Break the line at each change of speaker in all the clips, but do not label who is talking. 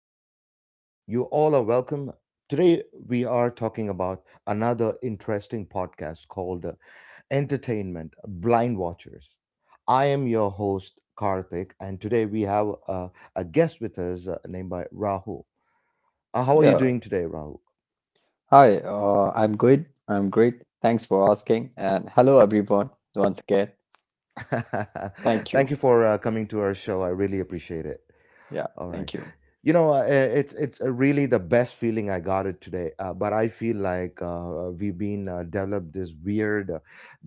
My listeners, you all are welcome. Today, we are talking about another interesting podcast called Entertainment Blind Watchers. I am your host, Karthik, and today we have a guest with us named by Rahul. How are you
Yeah.
doing today, Rahul?
Hi. I'm good. I'm great. Thanks for asking. And hello, everyone. Once again, thank you.
Thank you for coming to our show. I really appreciate it.
Yeah.
All right.
Thank you.
you know eh, it's Really the best feeling I got it today, but I feel like we've been developed this weird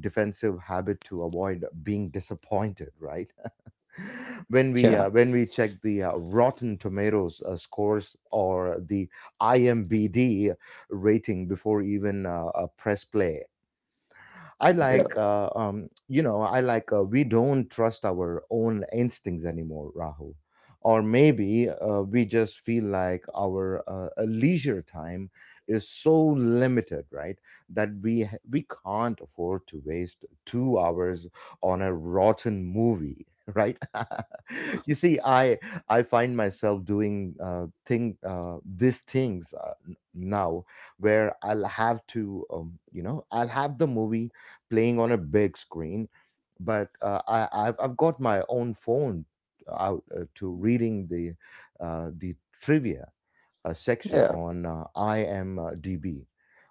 defensive habit to avoid being disappointed, right? When we
Yeah.
when we check the rotten tomatoes scores or the IMDb rating before even press play.
Yeah.
I like, we don't trust our own instincts anymore, Rahul. Or maybe we just feel like our leisure time is so limited, right? That we can't afford to waste 2 hours on a rotten movie, right? You see, I find myself doing thing these things now, where I'll have to, I'll have the movie playing on a big screen. But I've got my own phone out, to reading the uh, the trivia section
Yeah.
on IMDb,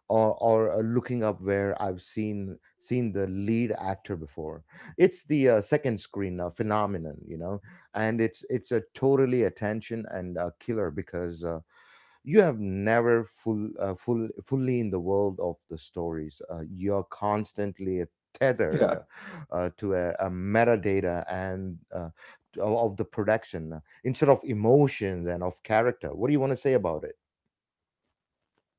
or or looking up where I've seen the lead actor before. It's the second screen phenomenon, you know, and it's a totally attention and killer, because. You have never full, fully in the world of the stories. You're constantly tethered
Yeah.
to a metadata and of the production, instead of emotions and of character. What do you want to say about it?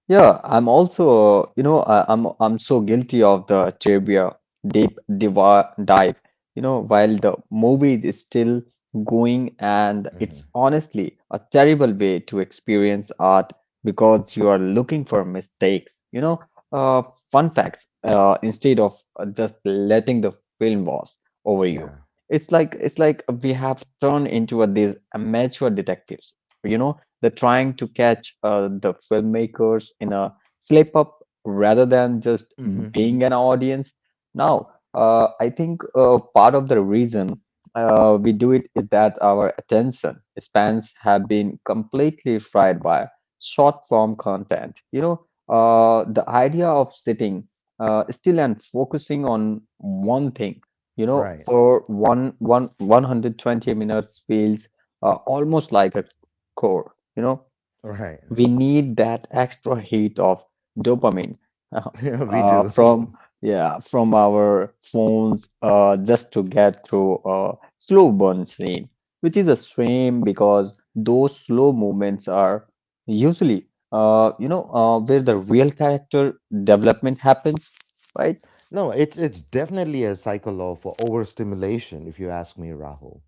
Yeah, I'm also, you know, I'm so guilty of the trivia deep diva dive. You know, while the movie is still going, and
Hmm.
it's honestly a terrible way to experience art because you are looking for mistakes. Uh, fun facts instead of just letting the film wash over you.
Yeah.
It's like we have turned into these amateur detectives. You know they're trying to catch the filmmakers in a slip up rather than just
Hmm.
being an audience. Now, I think part of the reason we do it is that our attention spans have been completely fried by short form content. The idea of sitting still and focusing on one thing, you know,
Right.
for 120 minutes feels almost like a chore. You know,
Right.
we need that extra hit of dopamine.
We
uh,
do.
from yeah from our phones just to get through a slow burn scene, which is a shame because those slow movements are usually, where the real character development happens, right?
No, it's definitely a cycle of overstimulation, if you ask me, Rahul.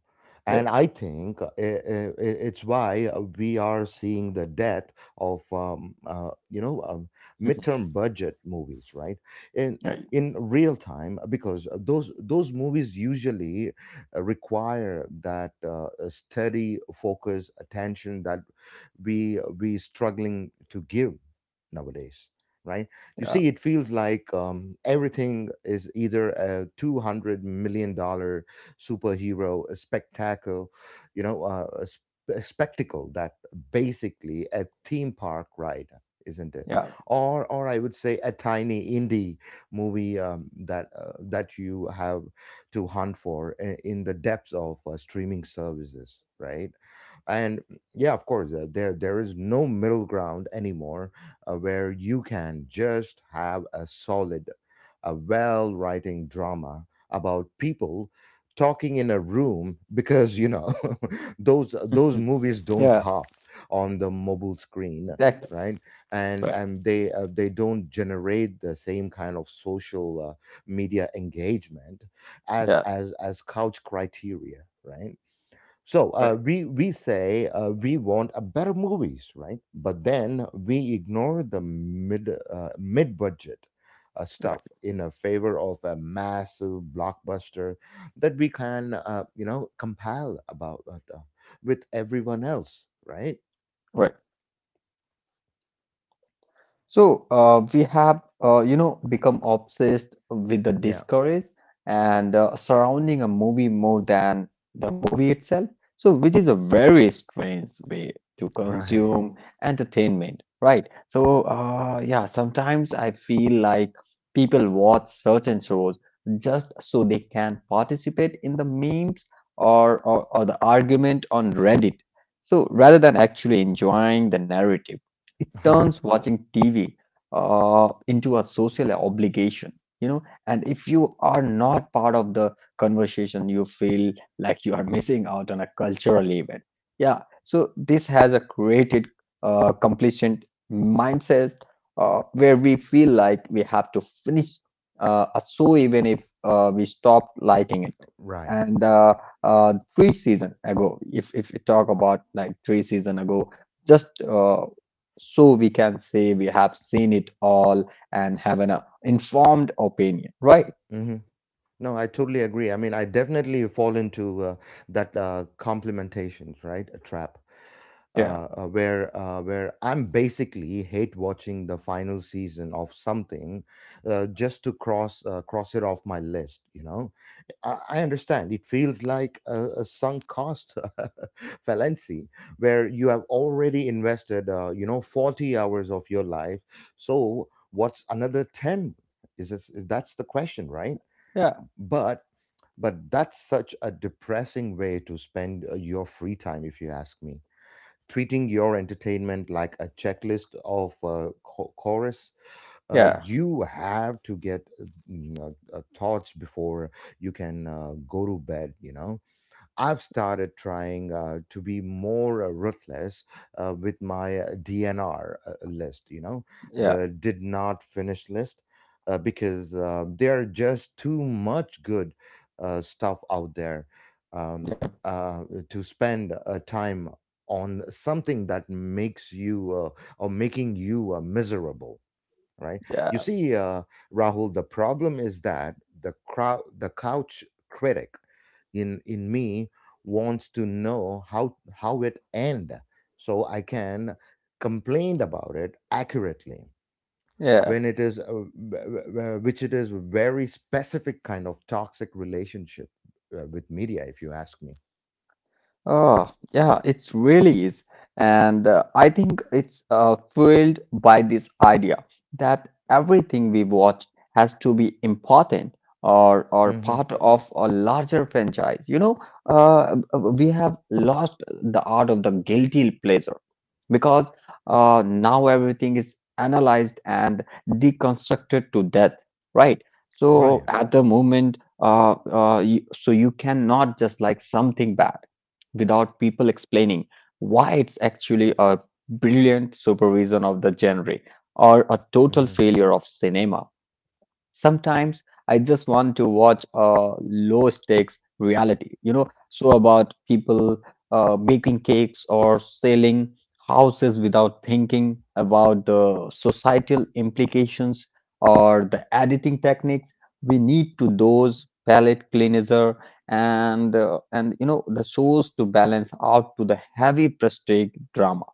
Yeah.
And I think, it's why we are seeing the death of
Mhm.
midterm budget movies, right? In
Right.
in real time, because those movies usually require that steady focus, attention that we struggling to give nowadays, right? You
Yeah,
see, it feels like, everything is either a $200 million superhero a spectacle, you know, a spectacle that basically a theme park ride, isn't it?
yeah.
Or I would say a tiny indie movie, that you have to hunt for in the depths of streaming services, right? And yeah, of course, there there is no middle ground anymore, where you can just have a solid, a well writing drama about people talking in a room, because you know those movies don't
Yeah.
pop on the mobile screen,
Exactly.
right? and
Right.
and they don't generate the same kind of social media engagement as
Yeah.
couch criteria, right? So, uh,
Right.
we we say, we want a better movies, right? But then we ignore the mid budget stuff
Right.
in a favor of a massive blockbuster that we can, compile about, with everyone else, right?
Right. So we have, you know, become obsessed with the
Yeah,
discoveries and surrounding a movie more than the movie itself. So, which is a very strange way to
right,
consume entertainment, right? So, yeah, sometimes I feel like people watch certain shows just so they can participate in the memes or the argument on Reddit. So, rather than actually enjoying the narrative, it turns watching TV into a social obligation, you know. And if you are not part of the conversation, you feel like you are missing out on a cultural event. Yeah, so this has a created completion mindset where we feel like we have to finish a show even if we stop liking it.
right.
And three season ago, if we talk about like three season ago, just uh, so we can say we have seen it all and have an informed opinion, right?
Mhm. No, I totally agree. I mean, I definitely fall into that complimentations, right? A trap.
Yeah,
Where where I'm basically hate watching the final season of something, just to cross it off my list. You know, I understand it feels like a sunk cost fallacy, where you have already invested, 40 hours of your life. So what's another 10? Is this, is that's the question, right?
yeah,
but but that's such a depressing way to spend, your free time, if you ask me, treating your entertainment like a checklist of chorus
yeah,
you have to get, mm, thoughts before you can go to bed, you know. I've started trying, to be more ruthless with my DNR list, you know,
yeah,
the did not finish list, because there are just too much good stuff out there, um, uh, to spend time on something that makes you, or making you miserable, right?
yeah,
You see, Rahul, the problem is that the crowd, the couch critic in me wants to know how it end, so I can complain about it accurately.
yeah.
When it is, which it is, very specific kind of toxic relationship with media, if you ask me.
Oh, yeah, it really is. And I think it's fueled by this idea that everything we watch has to be important or
Hmm.
part of a larger franchise. You know, we have lost the art of the guilty pleasure because now everything is analyzed and deconstructed to death, right? So
Ryan.
at the moment, so you cannot just like something bad without people explaining why it's actually a brilliant supervision of the genre or a total
Hmm.
failure of cinema. Sometimes I just want to watch a low stakes reality, you know, so about people baking cakes or selling houses without thinking about the societal implications or the editing techniques we need to those palette cleanser, and you know the shows to balance out to the heavy prestige drama,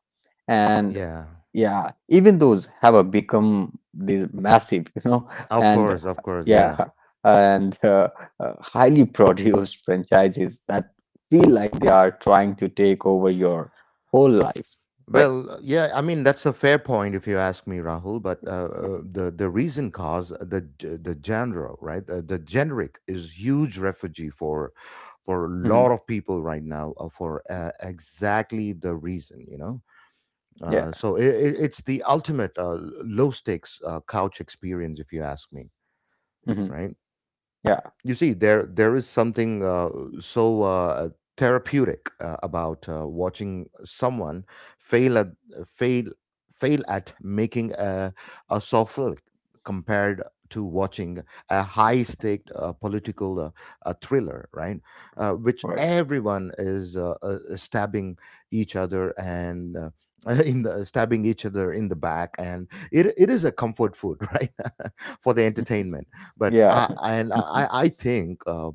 and
Yeah,
yeah even those have a become this massive you know, and
of course, yeah.
yeah and highly produced franchises that feel like they are trying to take over your whole life, right?
Well, yeah, I mean that's a fair point if you ask me, Rahul. But, the reason cause, the genre, right? The generic is huge refugee for a
Yeah. Hmm.
lot of people right now, for exactly the reason, you know.
Yeah.
So I It's the ultimate low stakes couch experience, if you ask me,
Hmm.
right?
Yeah.
You see, there is something so uh, therapeutic about watching someone fail at fail fail at making a soft flick, compared to watching a high stake political thriller, right? Which
Right.
everyone is, stabbing each other, and in the stabbing each other in the back, and it is a comfort food, right, for the entertainment. but
Yeah.
I and I I think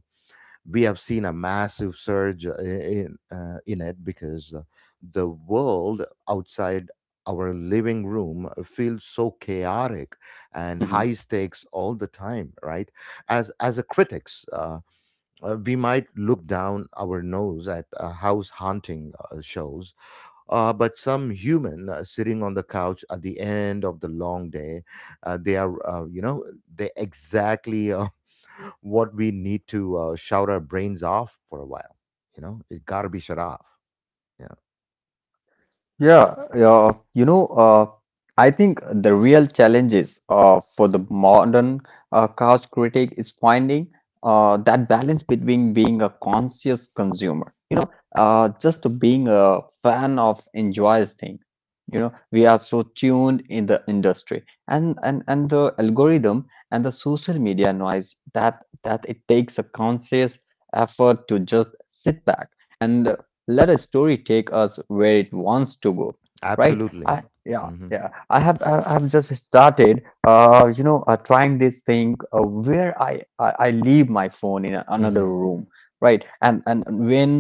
we have seen a massive surge in it, because the world outside our living room feels so chaotic and
Mhm.
high stakes all the time, right? As a critics, we might look down our nose at house haunting shows, but some human sitting on the couch at the end of the long day, they are you know they exactly what we need to shout our brains off for a while. You know, it got to be shut off. Yeah,
Yeah, yeah, you know, I think the real challenges for the modern couch critic is finding that balance between being a conscious consumer, you know, just being a fan of enjoys thing. You know, we are so tuned in the industry and and the algorithm and the social media noise that it takes a conscious effort to just sit back, and let a story take us where it wants to go, right?
absolutely.
i yeah
Mm-hmm.
yeah i have i i have just started, trying this thing where I leave my phone in a- another
Mm-hmm.
room, right and when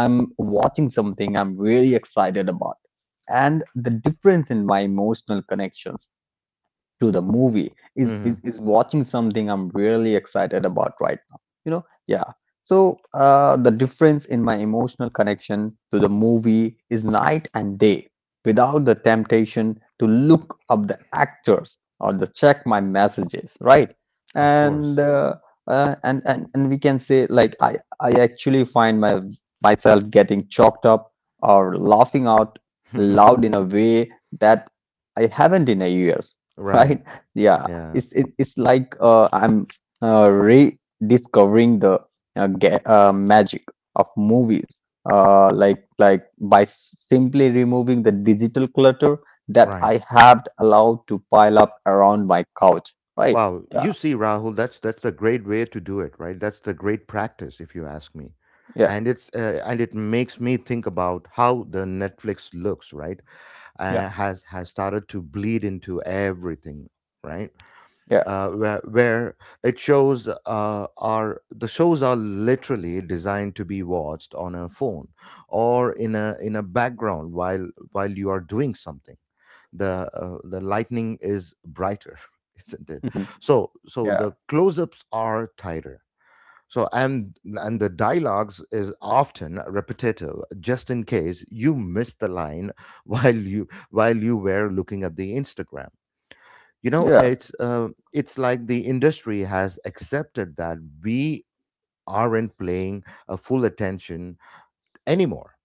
I'm watching something I'm really excited about, and the difference in my emotional connections to the movie is,
Mm-hmm.
is is watching something I'm really excited about right now, you know? Yeah. So the difference in my emotional connection to the movie is night and day without the temptation to look up the actors or the check my messages, right?
Of
And
course.
we can say like I actually find my myself getting choked up or laughing out loud in a way that I haven't in a years.
Right.
Right? Yeah,
Yeah.
it's it's like I'm rediscovering the magic of movies, like by simply removing the digital clutter that
Right.
I have allowed to pile up around my couch, right?
Wow.
Yeah,
You see, Rahul, that's a great way to do it. Right. That's the great practice, if you ask me.
yeah,
And it's, and it makes me think about how the Netflix looks. Right.
yeah,
Has started to bleed into everything. Right,
yeah.
where it shows, are the shows are literally designed to be watched on a phone or in a background while you are doing something. The the lightning is brighter, isn't it?
Mhm.
So so
Yeah,
the close-ups are tighter, so and the dialogues is often repetitive, just in case you missed the line while you were looking at the instagram, you
yeah,
know. It's, it's like the industry has accepted that we aren't playing a full attention anymore,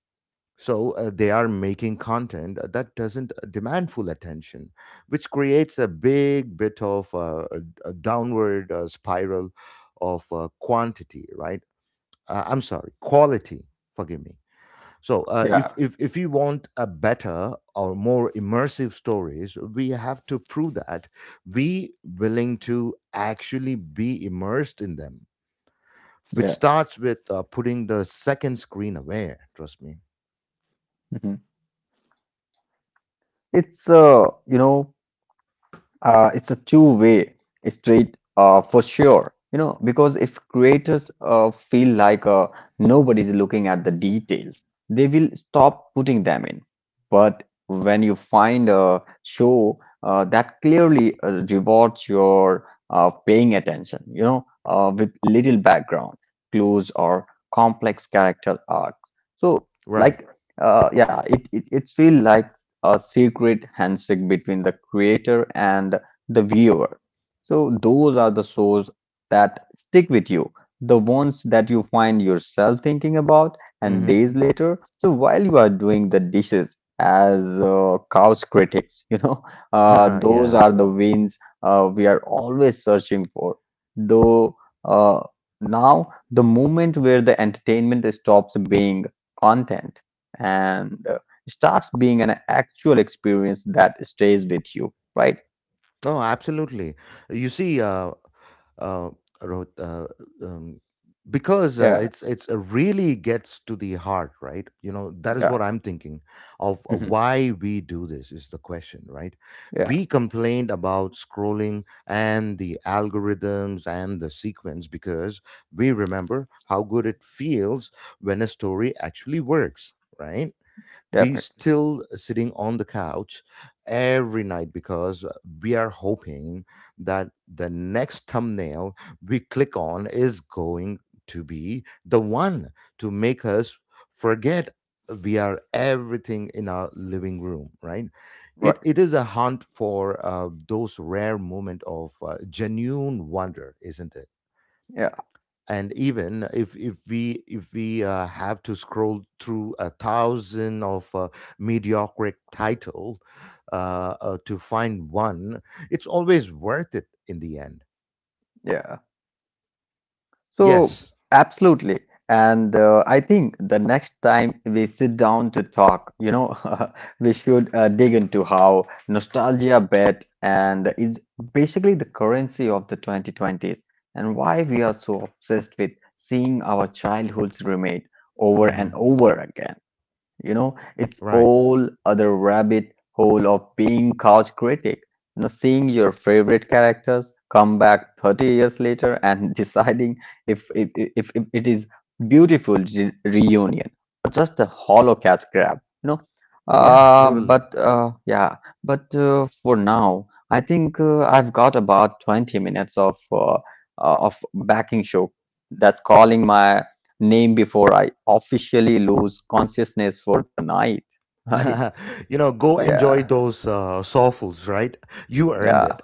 so, they are making content that doesn't demand full attention, which creates a big bit of a downward spiral of quantity, right? I'm sorry, quality, forgive me. So, uh,
yeah,
if, if if you want a better or more immersive stories, we have to prove that we willing to actually be immersed in them, which
yeah.
starts with putting the second screen away. Trust me.
Mhm. It's you know, it's a two-way street for sure. You know, because if creators feel like nobody's looking at the details, they will stop putting them in. But when you find a show that clearly rewards your paying attention, you know, with little background clues or complex character arcs, so
Right.
like, yeah, it feels like a secret handshake between the creator and the viewer. So those are the shows that stick with you, the ones that you find yourself thinking about and
Mm-hmm.
days later. So while you are doing the dishes as couch critics, you know, those
Yeah.
are the wins we are always searching for. Though uh, now the moment where the entertainment stops being content and starts being an actual experience that stays with you, right?
Oh, absolutely. You see, uh, wrote, um, because uh,
Yeah.
it's it's uh, really gets to the heart, right? You know, that is what
Yeah.
I'm thinking of,
Mhm.
why we do this is the question, right?
Yeah,
We complained about scrolling and the algorithms and the sequence, because we remember how good it feels when a story actually works, right? We
definitely.
still sitting on the couch every night, because we are hoping that the next thumbnail we click on is going to be the one to make us forget we are everything in our living room, right? it,
Right.
it is a hunt for, those rare moment of genuine wonder, isn't it?
Yeah,
And even if we have to scroll through a thousand of mediocre title, to find one, it's always worth it in the end.
yeah. So,
Yes.
absolutely. And I think the next time we sit down to talk, you know, we should dig into how nostalgia bet and is basically the currency of the 2020s and why we are so obsessed with seeing our childhoods remade over and
Hmm.
over again. You know, it's
Right.
all other rabbit hole of being couch critic, you know, seeing your favorite characters come back 30 years later and deciding if it is beautiful reunion or just a hollow cash grab, you know.
Yeah,
uh
totally.
but uh yeah, but for now I think I've got about 20 minutes of backing show that's calling my name before I officially lose consciousness for the night. Right?
You know, go
Yeah.
enjoy those soulfuls, right? You earned
Yeah.
it.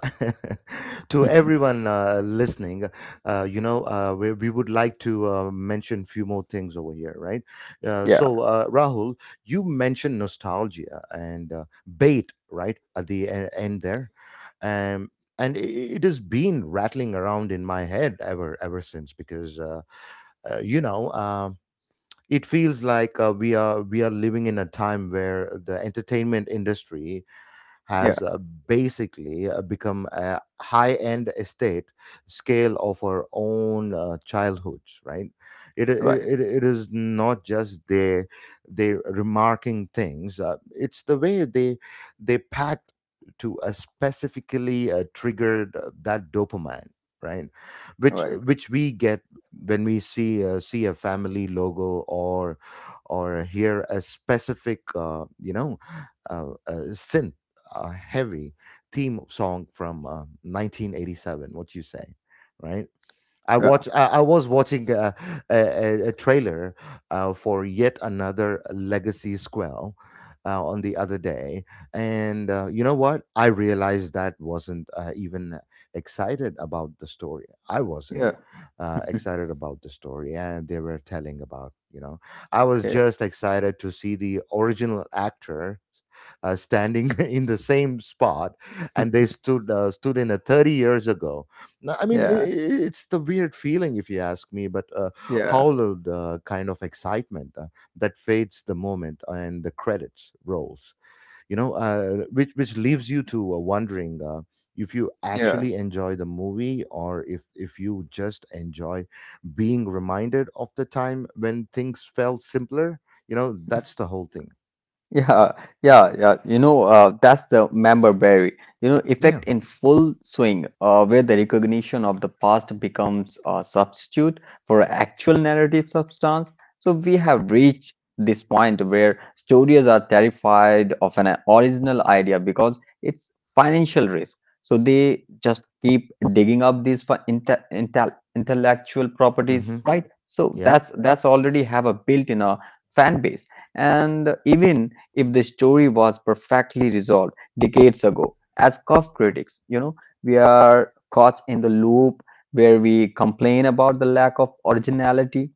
To everyone listening, we would like to mention few more things over here, right?
Yeah.
So, Rahul, you mentioned nostalgia and bait, right, at the end there. Um, and it has been rattling around in my head ever since, because uh, you know um, it feels like we are living in a time where the entertainment industry
Yeah.
has basically become a high-end estate scale of our own childhood, right? It, it,
Right.
it it is not just their remarking things. It's the way they pack to a specifically triggered that dopamine, right? Which,
Right.
which we get when we see a family logo or hear a specific synth heavy theme song from 1987. What you say, right? I
Yeah.
watch. I, I was watching a trailer for yet another Legacy Squall on the other day, and you know what? I realized that wasn't even excited about the story. I wasn't
Yeah.
excited about the story, and they were telling about. I was
Okay.
just excited to see the original actor standing in the same spot, and they stood in a 30 years ago no, I mean,
Yeah.
it's the weird feeling, if you ask me, but
Yeah.
hollowed kind of excitement that fades the moment and the credits rolls, which leaves you to wondering if you
Yeah.
actually enjoy the movie or if you just enjoy being reminded of the time when things felt simpler. You know, that's the whole thing.
Yeah, yeah, yeah. You know, that's the member berry. You know,
Yeah.
effect in full swing, where the recognition of the past becomes a substitute for actual narrative substance. So we have reached this point where studios are terrified of an original idea because it's financial risk. So they just keep digging up these for intellectual properties,
Mm-hmm.
right? So
Yep.
that's already have a built-in a fan base, and even if the story was perfectly resolved decades ago. As Cuff critics, you know, we are caught in the loop where we complain about the lack of originality,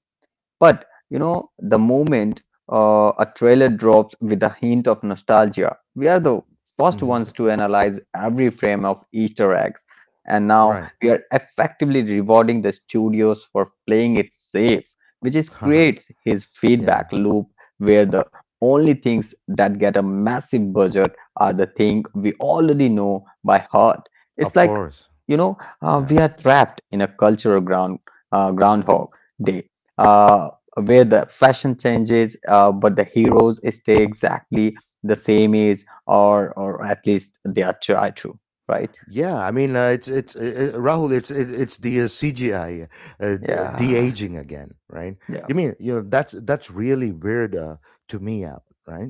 but you know, the moment a trailer drops with a hint of nostalgia, we are the first
Mm-hmm.
ones to analyze every frame of Easter eggs. And now
Right.
we are effectively rewarding the studios for playing it safe, which is creates his
Yeah.
feedback loop where the only things that get a massive budget are the thing we already know by heart. It's
Of
like,
course.
you know,
Yeah.
we are trapped in a cultural ground groundhog day. Uh, where the fashion changes, but the heroes stay exactly the same age, or at least they are try to, right?
Yeah, I mean, it's Rahul. It's the CGI de
Yeah,
aging again, right?
yeah,
You mean you know that's really weird to me out, right?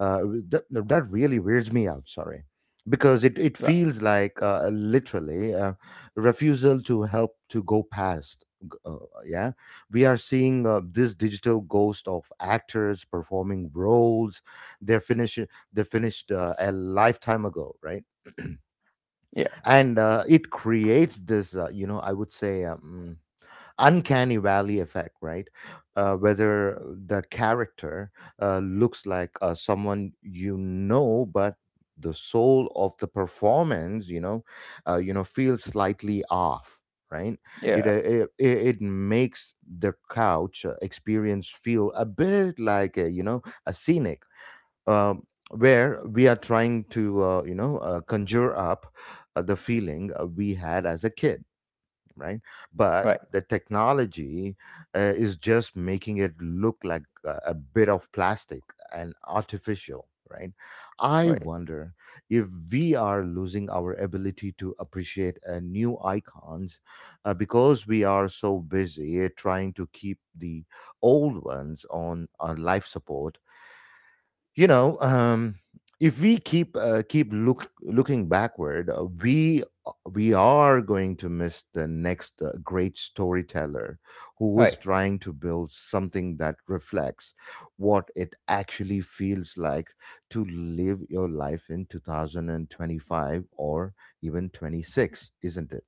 Uh, that that really weirds me out. Sorry, because it
right,
feels like literally a refusal to help to go past. Yeah, we are seeing this digital ghost of actors performing roles they're finished they finished a lifetime ago, right?
yeah,
And it creates this I would say uncanny valley effect, right, whether the character looks like someone you know, but the soul of the performance, feels slightly off, right. it,
yeah,
uh, it it it makes the couch experience feel a bit like a, a scenic uh, where we are trying to conjure up the feeling we had as a kid, right, but
right,
the technology is just making it look like a bit of plastic and artificial, right. I
right,
wonder if we are losing our ability to appreciate new icons because we are so busy trying to keep the old ones on life support, you know um if we keep keep look looking backward, we are going to miss the next great storyteller who
right.
was trying to build something that reflects what it actually feels like to live your life in 2025 or even 26, isn't it?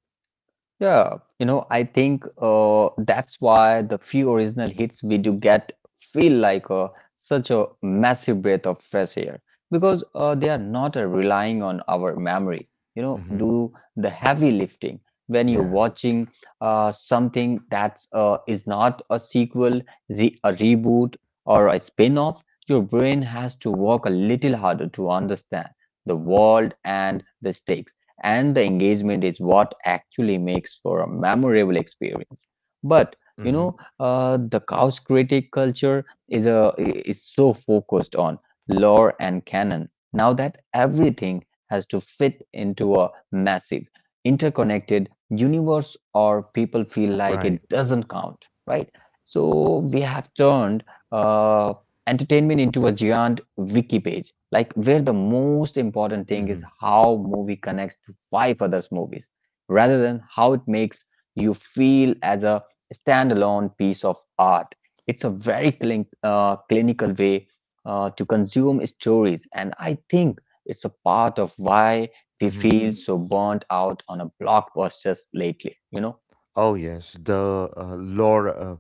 Yeah, you know, I think that's why the few original hits we do get feel like such a massive breath of fresh air because they are not relying on our memories, you know,
Hmm.
do the heavy lifting. When you're
Yeah.
watching something that's is not a sequel, re a reboot, or a spin-off, your brain has to work a little harder to understand the world and the stakes, and the engagement is what actually makes for a memorable experience. But you
Hmm.
know, the couch critic culture is a is so focused on lore and canon now that everything has to fit into a massive interconnected universe or people feel like
Right.
it doesn't count, right? So we have turned uh, entertainment into a giant wiki page, like where the most important thing is
Hmm.
how movie connects to five others movies, rather than how it makes you feel as a standalone piece of art. It's a very clinical way to consume stories, and I think it's a part of why we
Hmm.
feel so burnt out on a blockbusters lately.
Oh yes, the lore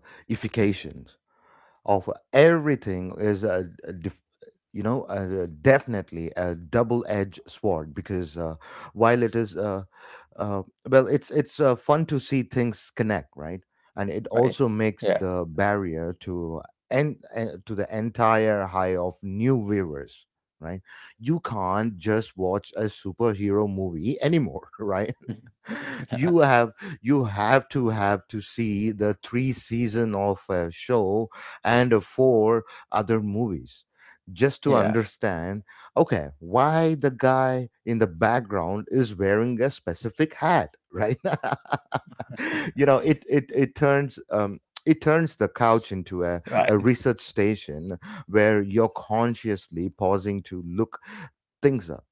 of everything is a def- you know a- definitely a double-edged sword because while it is uh, well it's fun to see things connect, right, and it
Right?
also makes
Yeah.
the barrier to and to the entire high of new viewers, right. You can't just watch a superhero movie anymore right. You have you have to see the three season of a show and four other movies just to
Yeah,
understand okay why the guy in the background is wearing a specific hat, right? You know, it turns the couch into a
right,
research station where you're consciously pausing to look things up,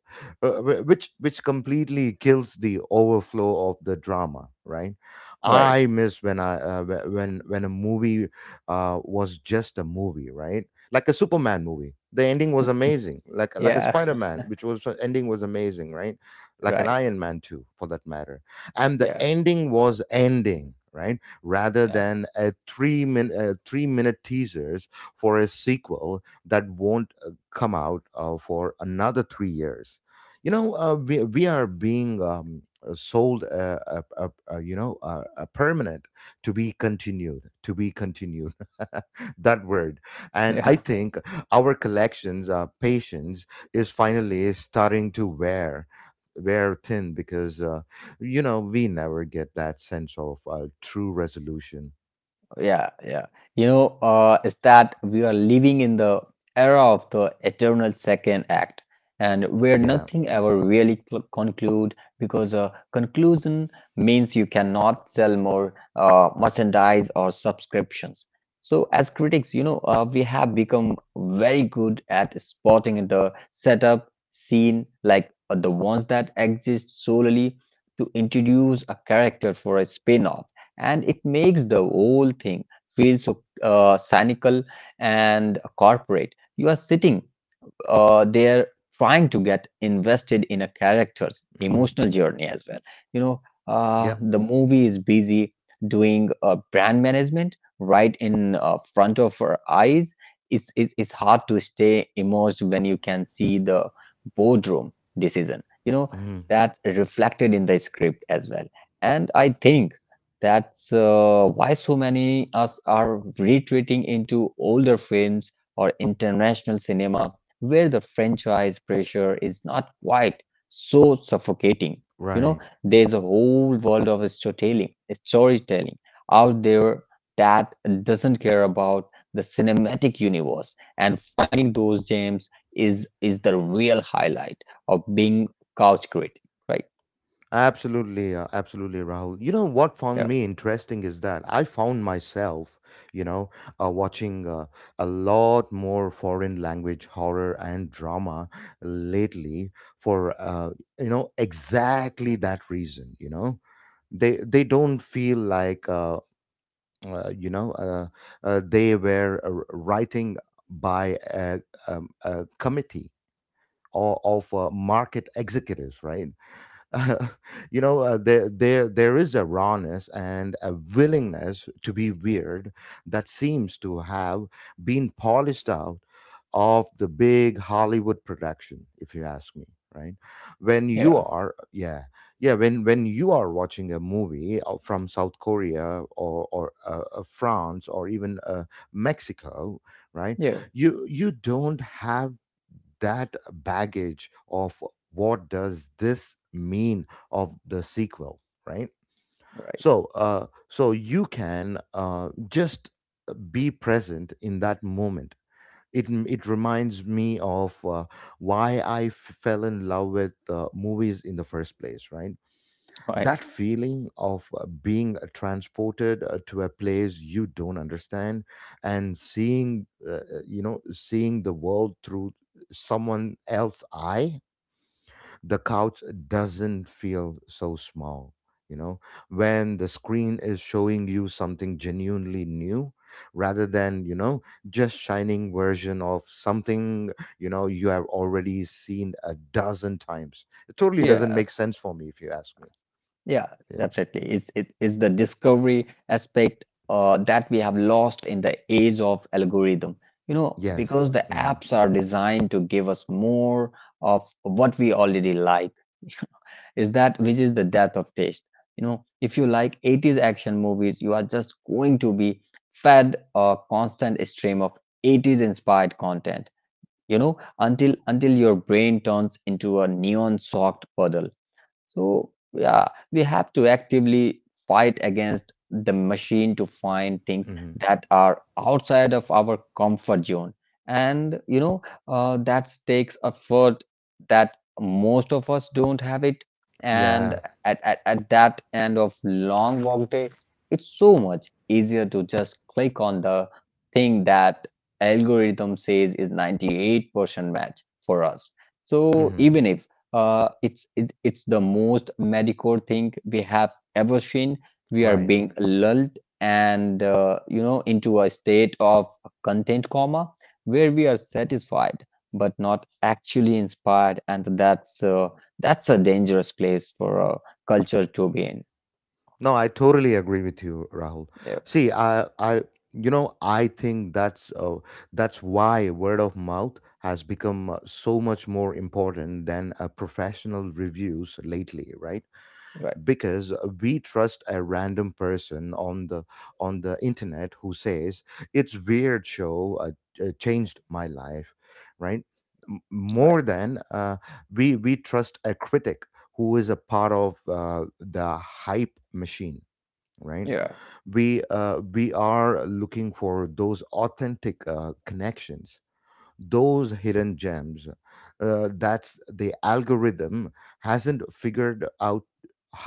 which completely kills the overflow of the drama. Right?
right,
I miss when when a movie was just a movie. Right? Like a Superman movie. The ending was amazing. Like a
yeah.
Spider Man, which was ending was amazing. Right? Like an
Right,
Iron Man too, for that matter. And the
yeah.
ending was ending. Right, rather
Yeah,
than a 3 minute teasers for a sequel that won't come out for another 3 years. We are being sold, a, you know, a permanent to be continued, that word. And I
yeah,
think our collections, patience is finally starting to wear thin because you know we never get that sense of true resolution.
yeah. You know, is that we are living in the era of the eternal second act, and where
Yeah.
nothing ever really cl conclude because a conclusion means you cannot sell more merchandise or subscriptions. So, as critics, you know, we have become very good at spotting the setup scene, like the ones that exist solely to introduce a character for a spin-off, and it makes the whole thing feel so cynical and corporate. You are sitting they're trying to get invested in a character's
Hmm.
emotional journey as well. You know,
Yep.
the movie is busy doing brand management right in front of our eyes. It's hard to stay immersed when you can see the boardroom decision, you know,
Hmm.
that's reflected in the script as well. And I think that's why so many us are retreating into older films or international cinema where the franchise pressure is not quite so suffocating. You know,
Right.
there's a whole world of storytelling out there that doesn't care about the cinematic universe, and finding those gems is the real highlight of being couch critic, right?
Absolutely, absolutely, Rahul. You know what
Yeah.
found me interesting is that I found myself, you know, watching a lot more foreign language horror and drama lately for, you know, exactly that reason. You know, they don't feel like uh, you know uh, they were writing by a committee or of market executives, right? You know, there is a rawness and a willingness to be weird that seems to have been polished out of the big Hollywood production, if you ask me. Right when you
Yeah.
are, yeah, yeah, when you are watching a movie from South Korea or France or even Mexico, right?
Yeah.
You don't have that baggage of what does this mean of the sequel, right,
Right,
so so you can just be present in that moment. It reminds me of why I fell in love with movies in the first place, right,
right.
that feeling of being transported to a place you don't understand and seeing seeing the world through someone else's eye. The couch doesn't feel so small, you know, when the screen is showing you something genuinely new rather than, you know, just shining version of something, you know, you have already seen a dozen times. It totally doesn't
Yeah.
make sense for me, if you ask me.
Yeah, definitely. It is the discovery aspect that we have lost in the age of algorithm. You know,
Yes.
because the
Hmm.
apps are designed to give us more of what we already like. is that which is the death of taste. You know, if you like '80s action movies, you are just going to be fed a constant stream of '80s inspired content. You know, until your brain turns into a neon soaked puddle. So, yeah, we have to actively fight against the machine to find things
Hmm.
that are outside of our comfort zone. And, you know, that takes effort that most of us don't have it. And
Yeah.
at that end of long work day, it's so much easier to just click on the thing that algorithm says is 98% match for us. So
Hmm.
even if it's the most mediocre thing we have ever seen. We are
Right.
being lulled and into a state of content coma where we are satisfied but not actually inspired, and that's a dangerous place for a culture to be in.
No, I totally agree with you, Rahul.
Yeah,
See, you know, I think that's why word of mouth has become so much more important than professional reviews lately, right?
right,
Because we trust a random person on the internet who says it's weird show changed my life, right.
right,
More than we trust a critic who is a part of the hype machine, right.
yeah,
We are looking for those authentic connections, those hidden gems that's the algorithm hasn't figured out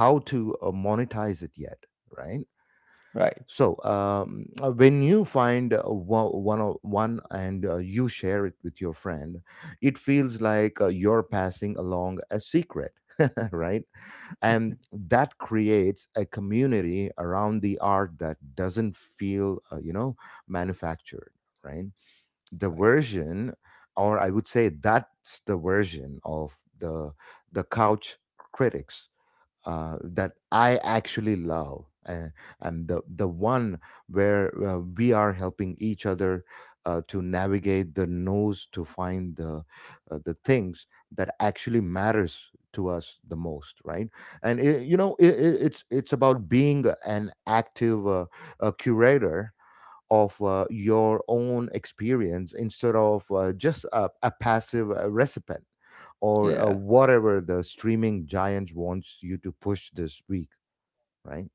how to monetize it yet, right.
right,
So when you find one and you share it with your friend, it feels like you're passing along a secret right, and that creates a community around the art that doesn't feel manufactured, right. the
right,
version or I would say that's the version of the couch critics that I actually love, and the one where we are helping each other to navigate the nose to find the things that actually matters to us the most, right, and, it, it's about being an active curator of your own experience instead of just a passive recipient or
yeah.
whatever the streaming giant wants you to push this week, right?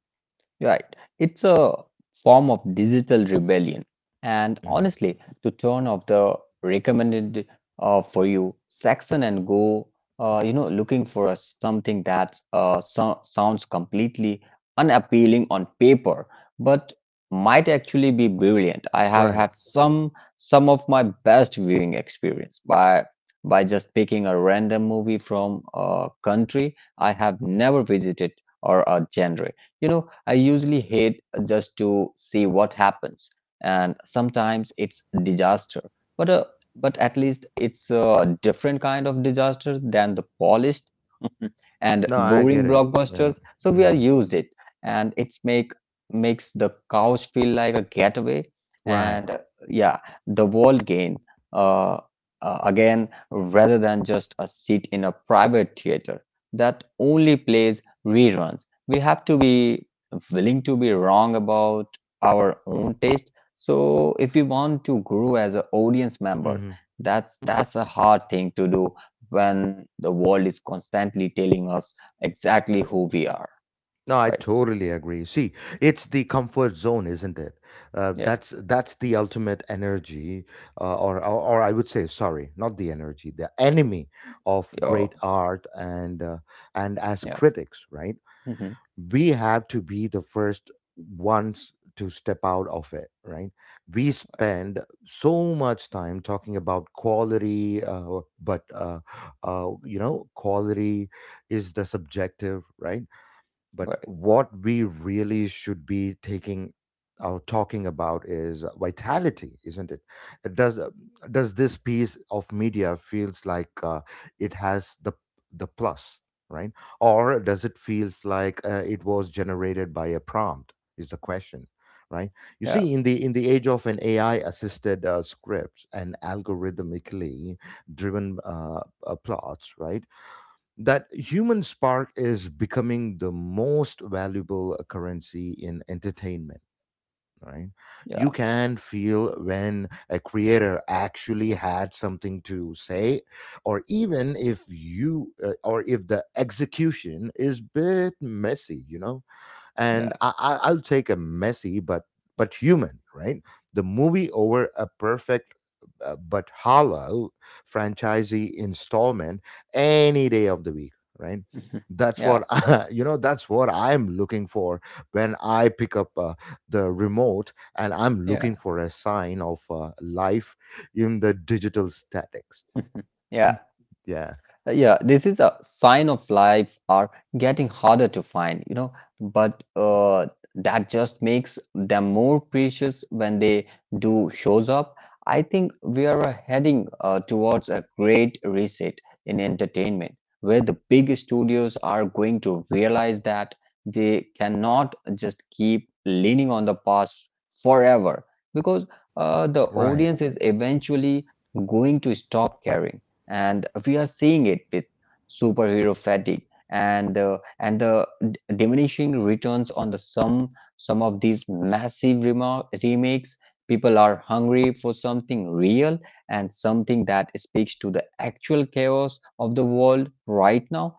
Right. It's a form of digital rebellion. And
Hmm.
honestly, to turn off the recommended for you section and you know, looking for something that sounds completely unappealing on paper, but might actually be brilliant. I have
Right.
had some of my best viewing experience by just picking a random movie from a country I have never visited or a genre. You know, I usually hate just to see what happens, and sometimes it's disaster. But uh, but at least it's a different kind of disaster than the polished and
No, I
boring
get it. Yeah.
blockbusters. So we are
Hmm.
used it, and it's make makes the couch feel like a getaway. And
Right.
yeah, the world gain uh, again rather than just a seat in a private theater that only plays reruns. We have to be willing to be wrong about our own taste, so if we want to grow as an audience member,
Hmm.
that's a hard thing to do when the world is constantly telling us exactly who we are.
No, I
Right.
totally agree. See, it's the comfort zone, isn't it?
Yeah.
That's the ultimate energy, or I would say, sorry, not the energy, the enemy of great
Oh.
art and as
Yeah.
critics, right?
Hmm.
We have to be the first ones to step out of it, right? We
Right,
spend so much time talking about quality, but you know, quality is the subjective, right? But
right,
what we really should be taking or talking about is vitality, isn't it? It does this piece of media feels like it has the plus, right? Or does it feels like it was generated by a prompt? Is the question, right? You
yeah,
see, in the age of an AI assisted script and algorithmically driven plots, right, that human spark is becoming the most valuable currency in entertainment, right. You
yeah,
can feel when a creator actually had something to say, or even if you or if the execution is bit messy, you know, and
yeah.
I'll take a messy but human, right? The movie over a perfect but hollow franchisee installment any day of the week, right?
Mhm.
That's
Yeah,
what I, you know. That's what I'm looking for when I pick up the remote, and I'm
yeah.
looking for a sign of life in the digital statics.
Yeah.
Yeah.
Yeah, this is a sign of life are getting harder to find, you know, but that just makes them more precious when they do shows up. I think we are heading towards a great reset in entertainment, where the big studios are going to realize that they cannot just keep leaning on the past forever because the
Right.
audience is eventually going to stop caring, and we are seeing it with superhero fatigue and the diminishing returns on the some of these massive remakes. People are hungry for something real and something that speaks to the actual chaos of the world right now.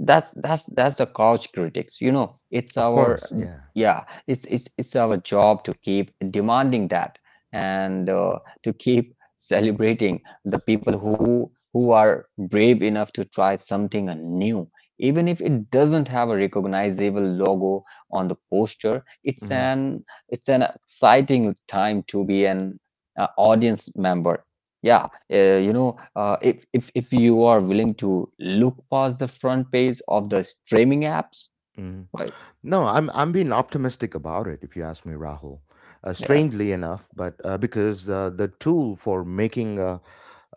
That's the couch critics, you know. It's
Of
our
course. Yeah.
Yeah, it's our job to keep demanding that, and to keep celebrating the people who are brave enough to try something new, even if it doesn't have a recognizable logo on the poster.
Hmm.
It's an exciting time to be an audience member. Yeah. If if you are willing to look past the front page of the streaming apps,
Hmm.
right?
No, I'm being optimistic about it. If you ask me, Rahul.
Yeah,
Strangely enough, but because the tool for making uh,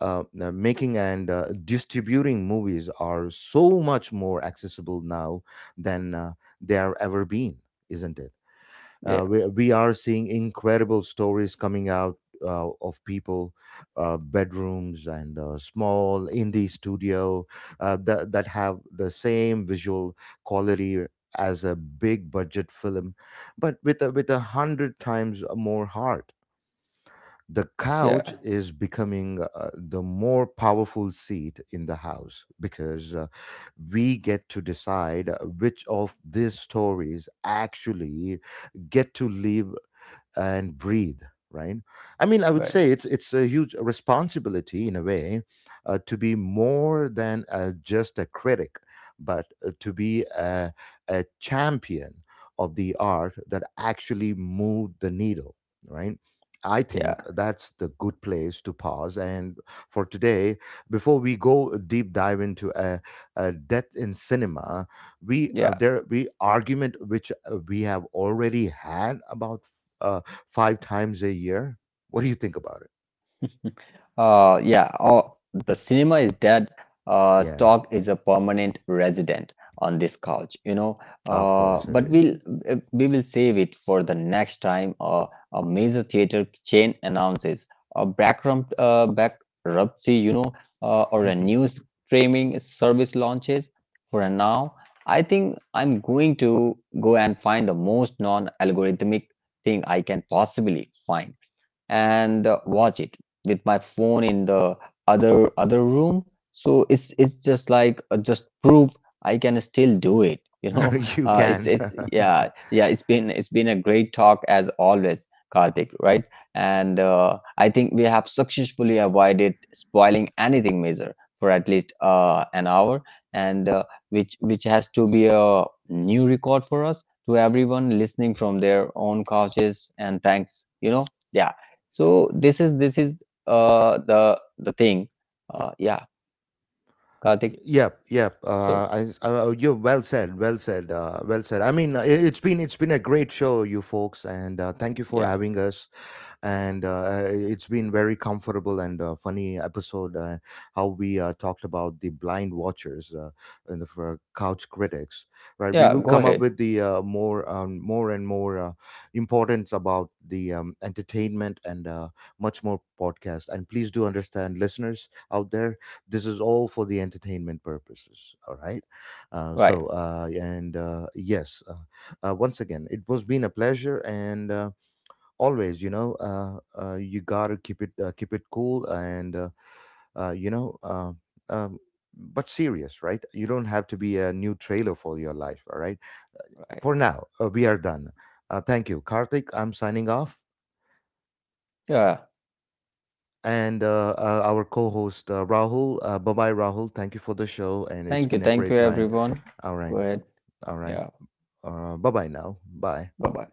uh, uh, making and distributing movies are so much more accessible now than they are ever been, isn't it?
yeah,
We are seeing incredible stories coming out of people, bedrooms, and small indie studio that have the same visual quality as a big budget film, but with with 100 times more heart. The couch
yeah,
is becoming the more powerful seat in the house because we get to decide which of these stories actually get to live and breathe, right. I mean, I would say
right,
it's a huge responsibility in a way to be more than just a critic but to be a champion of the art that actually moved the needle, right. I
yeah,
think that's the good place to pause and for today before we go deep dive into a death in cinema, we
yeah.
there we argument which we have already had about uh, five times a year. What do you think about it?
Uh, yeah, oh, the cinema is dead.
Yeah,
Talk is a permanent resident on this couch, you know.
of course it
But
is.
we'll We will save it for the next time. A major theater chain announces a bankruptcy, you know, or a new streaming service launches. For now, I think I'm going to go and find the most non-algorithmic thing I can possibly find and watch it with my phone in the other room, so it's just like just proof I can still do it. You know,
You can.
it's yeah, it's been a great talk as always, Karthik, right? And I think we have successfully avoided spoiling anything major for at least an hour, and which has to be a new record for us. To everyone listening from their own couches, and thanks, you know. Yeah. So this is the thing. Uh, yeah, Karthik.
Yep, yep.
So
You well said, well said, well said. I mean, it's been a great show, you folks, and thank you for
yeah,
having us. And it's been very comfortable and funny episode. How we talked about the blind watchers and the for couch critics, right? We
yeah.
will
Go
come up
ahead.
with the more, more and more importance about the entertainment and much more podcast. And please do understand, listeners out there, this is all for the entertainment purposes. All right.
Right,
So and yes, once again, it was been a pleasure and. Always, you gotta keep it cool and uh, you know uh, um, but serious, right, you don't have to be a new trailer for your life, all right.
right.
For now we are done. Thank you, Karthik, I'm signing off,
Yeah.
and our co-host Rahul, bye-bye, Rahul. Thank you for the show and it's
Thank you.
been a
Thank you,
great time.
everyone.
All
Go
right.
ahead.
All right.
Yeah.
Bye-bye now, bye.
Bye bye.